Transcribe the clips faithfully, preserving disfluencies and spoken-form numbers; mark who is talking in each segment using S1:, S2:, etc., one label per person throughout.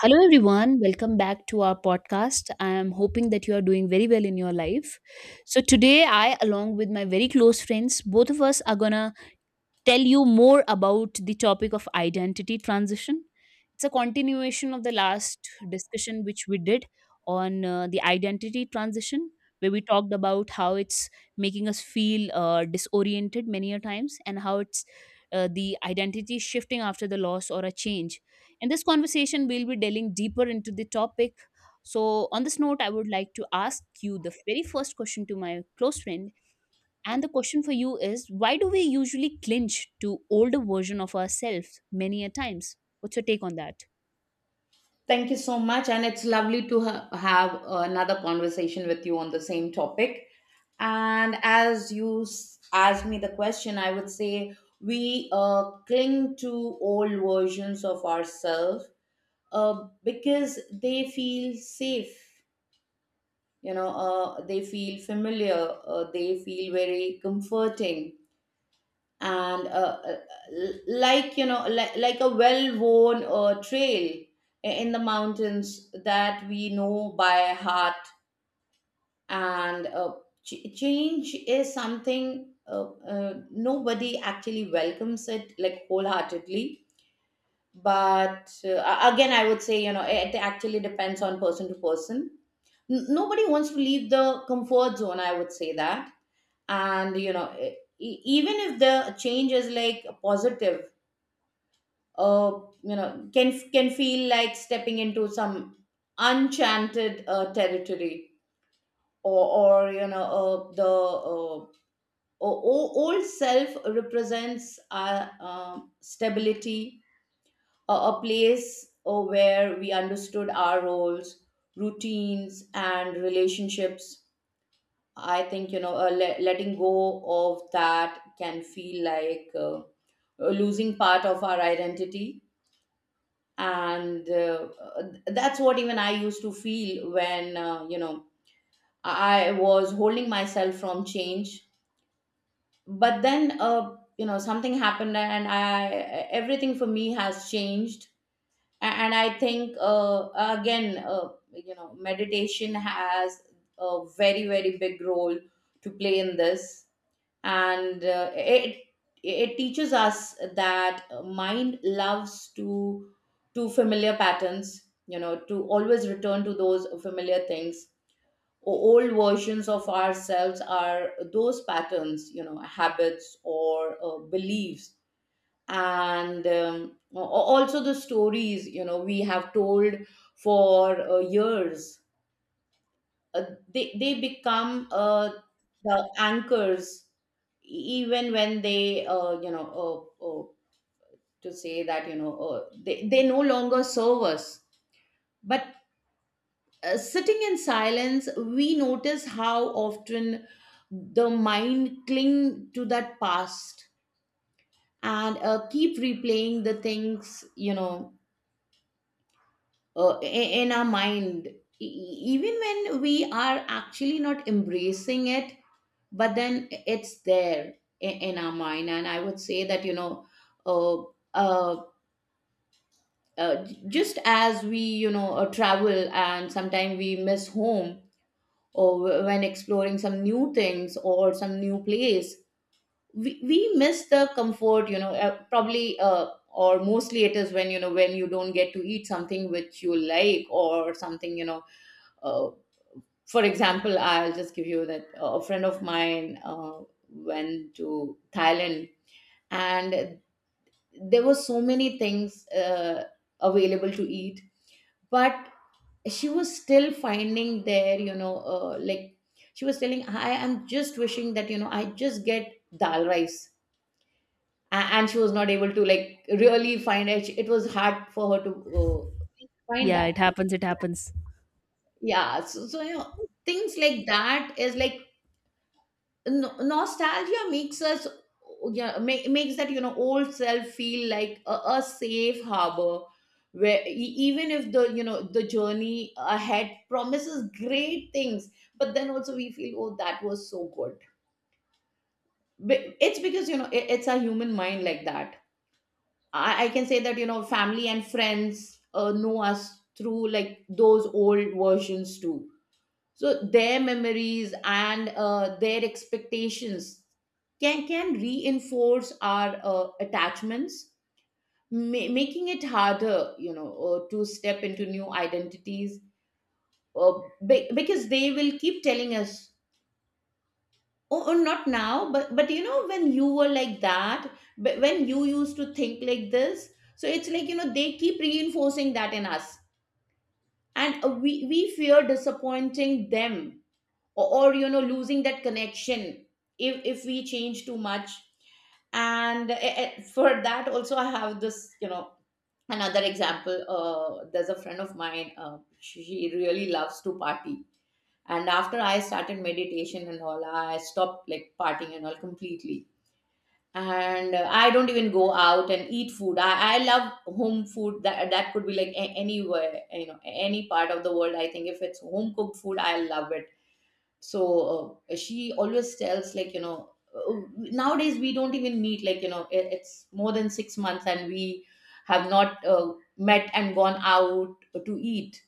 S1: Hello, everyone. Welcome back to our podcast. I am hoping that you are doing very well in your life. So today, I, along with my very close friends, both of us are gonna tell you more about the topic of identity transition. It's a continuation of the last discussion which we did on uh, the identity transition, where we talked about how it's making us feel uh, disoriented many a times, and how it's uh, the identity shifting after the loss or a change. In this conversation we'll be delving deeper into the topic. so on this note, I would like to ask you the very first question to my close friend, and the question for you is, why do we usually clinch to older version of ourselves many a times? What's your take on that?
S2: Thank you so much. And it's lovely to ha- have another conversation with you on the same topic. And as you s- asked me the question, I would say we uh, cling to old versions of ourselves uh, because they feel safe, you know, uh, they feel familiar, uh, they feel very comforting and uh, uh, like you know like, like a well-worn uh, trail in the mountains that we know by heart. And uh, ch- change is something uh, uh, nobody actually welcomes it like wholeheartedly but uh, Again, I would say, you know, it actually depends on person to person. N- nobody wants to leave the comfort zone, I would say that. And you know, e- even if the change is like positive, uh, you know, can can feel like stepping into some enchanted uh, territory. Or or you know, uh, the uh, o- o- old self represents our um stability, a a place uh, where we understood our roles, routines and relationships. I think, you know, uh, le- letting go of that can feel like uh, losing part of our identity. And uh, that's what even I used to feel when, uh, you know, I was holding myself from change. But then, uh, you know, something happened and I everything for me has changed. A- and I think, uh, again uh, you know, meditation has a very, very big role to play in this. And uh, it it teaches us that mind loves to to familiar patterns, you know, to always return to those familiar things. O- old versions of ourselves are those patterns, you know, habits or uh, beliefs. And um, a- also the stories, you know, we have told for uh, years. Uh, they they become uh, the anchors. Even when they, uh, you know uh, uh, to say that, you know, uh, they, they no longer serve us. But uh, sitting in silence, we notice how often the mind cling to that past, and uh, keep replaying the things, you know, uh, i- in our mind. E- e- even when we are actually not embracing it, but then it's there I- in our mind. And I would say that, you know, uh, uh, uh, j- just as we, you know, uh, travel and sometimes we miss home, or w- when exploring some new things or some new place, we, we miss the comfort, you know, uh, probably uh, or mostly it is when, you know, when you don't get to eat something which you like or something, you know. Uh, for example, I'll just give you that, uh, a friend of mine, uh, went to thailand, and there were so many things uh, available to eat, but she was still finding there, you know, uh, like she was telling, I am just wishing that, you know, I just get dal rice. A- and she was not able to like really find it. It was hard for her to uh, find
S1: Yeah,
S2: that.
S1: it happens, it happens.
S2: Yeah, so, so you know, things like that is like no- nostalgia makes us, yeah, make, makes that, you know, old self feel like a, a safe harbor, where e- even if, the you know, the journey ahead promises great things, but then also we feel, oh, that was so good. Be- it's because, you know, it, it's a human mind like that. I, I can say that, you know, family and friends, uh, know us through like those old versions too. So their memories and uh, their expectations can can reinforce our uh, attachments, ma- making it harder, you know, uh, to step into new identities, uh, be- because they will keep telling us, oh, oh not now, but but you know, when you were like that, but when you used to think like this. So it's like, you know, they keep reinforcing that in us, and uh, we we fear disappointing them, or, or you know, losing that connection if if we change too much. And eh, eh, for that also I have this, you know, another example. Uh, there's a friend of mine, uh, she she really loves to party, and after I started meditation and all, I stopped like partying and all completely. And uh, I don't even go out and eat food. I, I love home food. That that could be like a- anywhere, you know, any part of the world. I think if it's home cooked food, I love it. So uh, she always tells, like, you know, uh, nowadays we don't even meet, like, you know, it- it's more than six months and we have not uh, met and gone out to eat,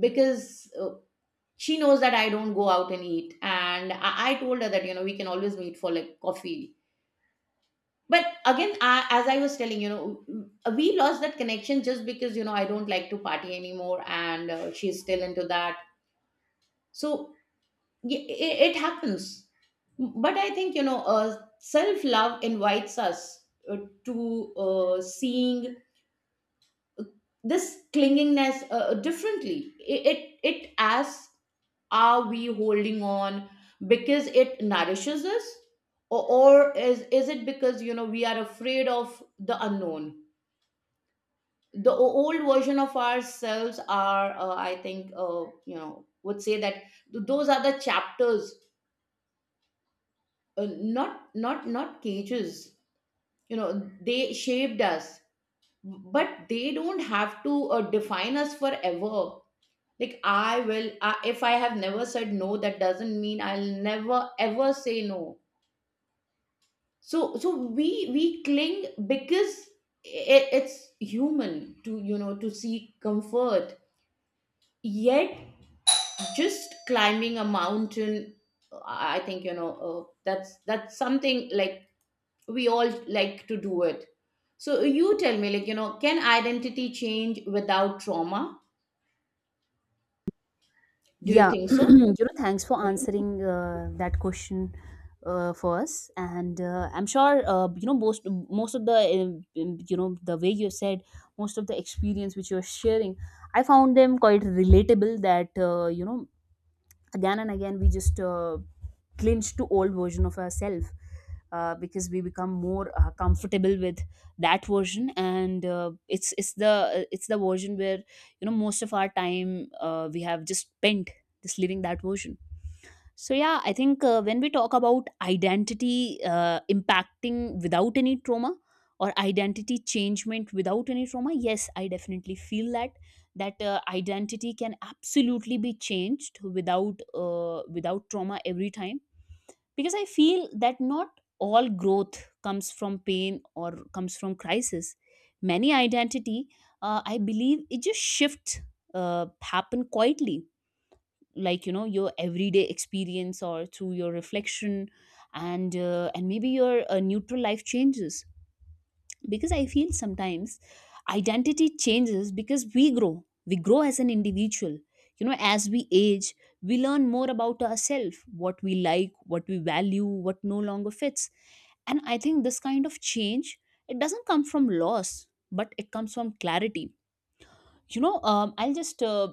S2: because uh, she knows that I don't go out and eat. And I, I told her that, you know, we can always meet for like coffee. But again I, as I was telling, you know, uh, we lost that connection just because, you know, I don't like to party anymore, and uh, she's still into that. So yeah, it, it happens. But I think, you know, uh, self love invites us uh, to uh, seeing, uh, this clingingness uh, uh, differently. It, it, it asks, are we holding on because it nourishes us? Or, or is, is it because, you know, we are afraid of the unknown? The o- old version of ourselves are, uh, I think, uh, you know, would say that th- those are the chapters, uh, not not not cages. You know, they shaped us, but they don't have to uh, define us forever. Like I will, I, if I have never said no, that doesn't mean I'll never ever say no. So, so we we cling because it, it's human to, you know, to seek comfort. Yet just climbing a mountain, i I think, you know, uh, that's that's something like we all like to do it. So you tell me, like, you know, can identity change without trauma? Do you
S1: Yeah,
S2: think so?
S1: you know, thanks for answering uh, that question uh, for us, and uh, I'm sure uh, you know, most most of the um, um, you know, the way you said, most of the experience which you're sharing, I found them quite relatable. That uh, you know, again and again we just uh, clinch to old version of ourselves, uh, because we become more uh, comfortable with that version, and uh, it's it's the it's the version where, you know, most of our time uh, we have just spent just living that version. So yeah, I think uh, when we talk about identity uh, impacting without any trauma, or identity changement without any trauma, yes, I definitely feel that that uh, identity can absolutely be changed without uh, without trauma every time, because I feel that not all growth comes from pain or comes from crisis. Many identity, uh, I believe, it just shifts uh, happen quietly, like, you know, your everyday experience, or through your reflection, and uh, and maybe your uh, neutral life changes. Because I feel sometimes identity changes because we grow we grow as an individual, you know, as we age. We learn more about ourselves, what we like, what we value, what no longer fits. And I think this kind of change, it doesn't come from loss, but it comes from clarity. You know, um, I'll just uh,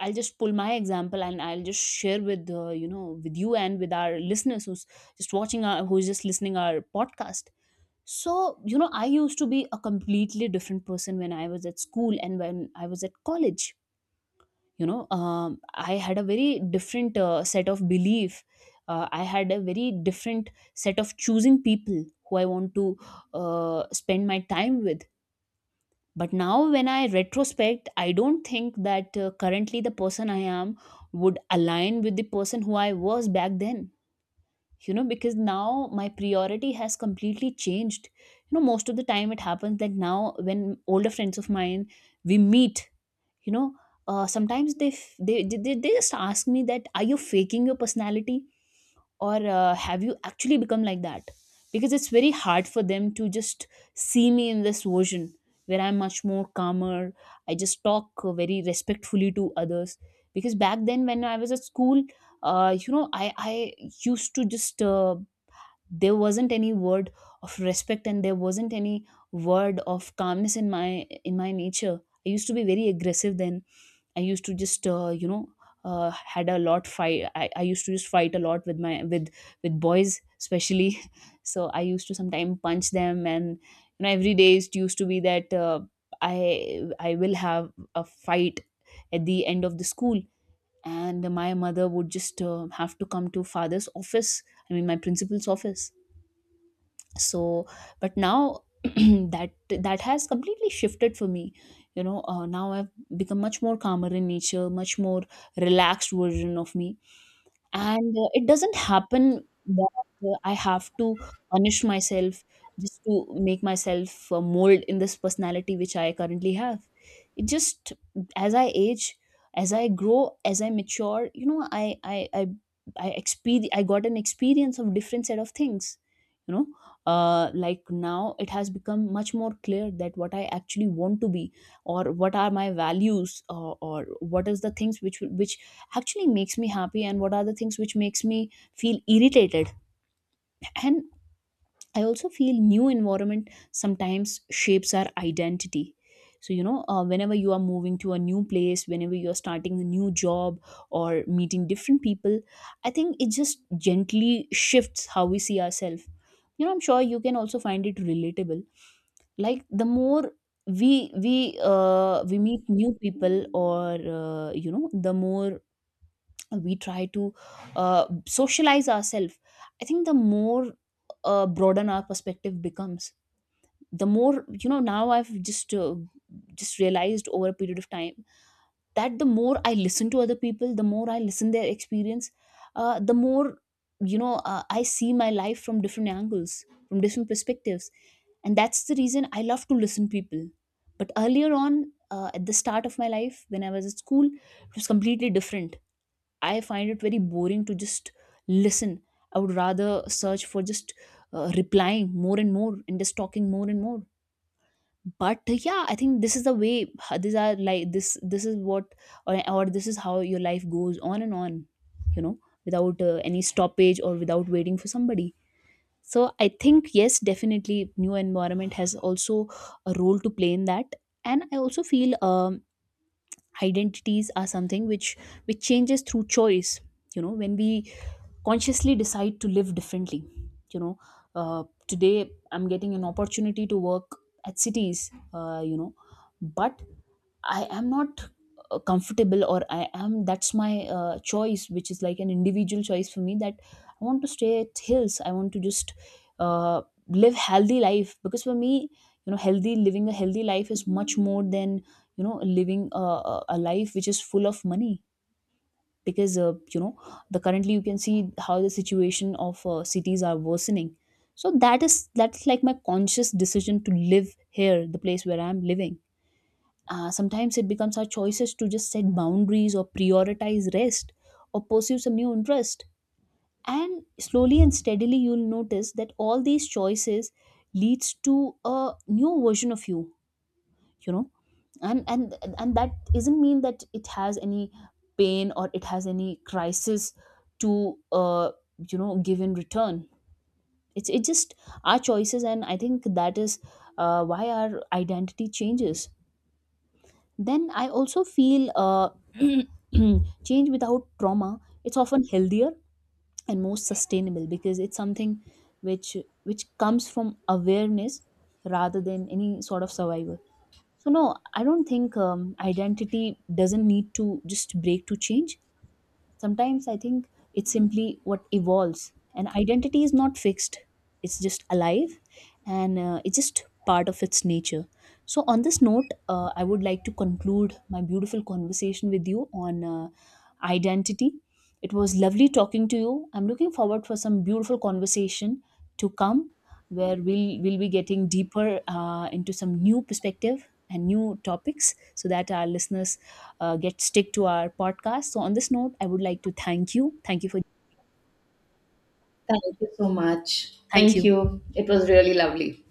S1: I'll just pull my example and I'll just share with, uh, you know, with you and with our listeners, who's just watching our, who's just listening our podcast. So you know, I used to be a completely different person when I was at school and when I was at college. You know, um, I had a very different uh, set of belief. uh, I had a very different set of choosing people who I want to uh, spend my time with. But now when I retrospect, I don't think that uh, currently the person I am would align with the person who I was back then. You know, because now my priority has completely changed. You know, most of the time it happens that now when older friends of mine we meet, you know, uh, sometimes they, f- they they they they just ask me that, are you faking your personality, or uh, have you actually become like that? Because it's very hard for them to just see me in this version where I'm much more calmer, I just talk uh, very respectfully to others. Because back then when I was at school, uh, you know, i i used to just uh, there wasn't any word of respect, and there wasn't any word of calmness in my in my nature. I used to be very aggressive then. I used to just uh, you know, uh, had a lot fight. I, I used to just fight a lot with my with with boys especially. So I used to sometimes punch them, and you know every day it used to be that uh, I I will have a fight at the end of the school, and my mother would just uh, have to come to father's office. I mean my principal's office. So but now, that that has completely shifted for me. You know, uh, now I've become much more calmer in nature, much more relaxed version of me. And uh, it doesn't happen that uh, I have to punish myself just to make myself uh, mold in this personality which I currently have. It just, as I age, as I grow, as I mature, you know, i i i i experience, I got an experience of different set of things. You know, uh like, now it has become much more clear that what I actually want to be, or what are my values, or or what is the things which will- which actually makes me happy, and what are the things which makes me feel irritated. And I also feel new environment sometimes shapes our identity. So you know, uh, whenever you are moving to a new place, whenever you are starting a new job, or meeting different people, I think it just gently shifts how we see ourselves. You know, I'm sure you can also find it relatable. Like, the more we we uh, we meet new people, or uh, you know, the more we try to uh, socialize ourselves, I think the more uh, broaden our perspective becomes. The more, you know, now I've just uh, just realized over a period of time that the more I listen to other people, the more I listen their experience, uh, the more, you know, uh, I see my life from different angles, from different perspectives. And that's the reason I love to listen people. But earlier on, uh, at the start of my life when I was at school, it was completely different. I find it very boring to just listen. I would rather search for just uh, replying more and more and just talking more and more. But uh, yeah, I think this is the way. uh, These are like this. This is what, or, or this is how your life goes on and on. You know, without uh, any stoppage, or without waiting for somebody. So I think yes, definitely, new environment has also a role to play in that. And I also feel um, identities are something which which changes through choice. You know, when we consciously decide to live differently, you know, uh, today I'm getting an opportunity to work at cities, uh, you know, but I am not uh, comfortable, or I am, that's my uh, choice, which is like an individual choice for me, that I want to stay at hills. I want to just uh, live healthy life, because for me, you know, healthy living a healthy life is much more than, you know, living a, a a life which is full of money. Because uh, you know, the currently you can see how the situation of uh, cities are worsening. So that is, that's like my conscious decision to live here, the place where I'm living. Uh, sometimes it becomes our choices to just set boundaries, or prioritize rest, or pursue some new interest. And slowly and steadily you'll notice that all these choices leads to a new version of you, you know. And and and that doesn't mean that it has any pain or it has any crisis to uh, you know, give in return. it's it's just our choices, and I think that is uh, why our identity changes. Then I also feel uh, change without trauma, it's often healthier and more sustainable, because it's something which which comes from awareness rather than any sort of survival. So no, I don't think um, identity doesn't need to just break to change. Sometimes I think it's simply what evolves, and identity is not fixed, it's just alive, and uh, it's just part of its nature. So, on this note, uh, I would like to conclude my beautiful conversation with you on uh, identity. It was lovely talking to you. I'm looking forward for some beautiful conversation to come, where we'll, we'll be getting deeper uh, into some new perspective and new topics, so that our listeners uh, get stick to our podcast. So on this note I would like to thank you, thank you for
S2: Thank you so much.
S1: Thank
S2: Thank
S1: you.
S2: you. It was really lovely.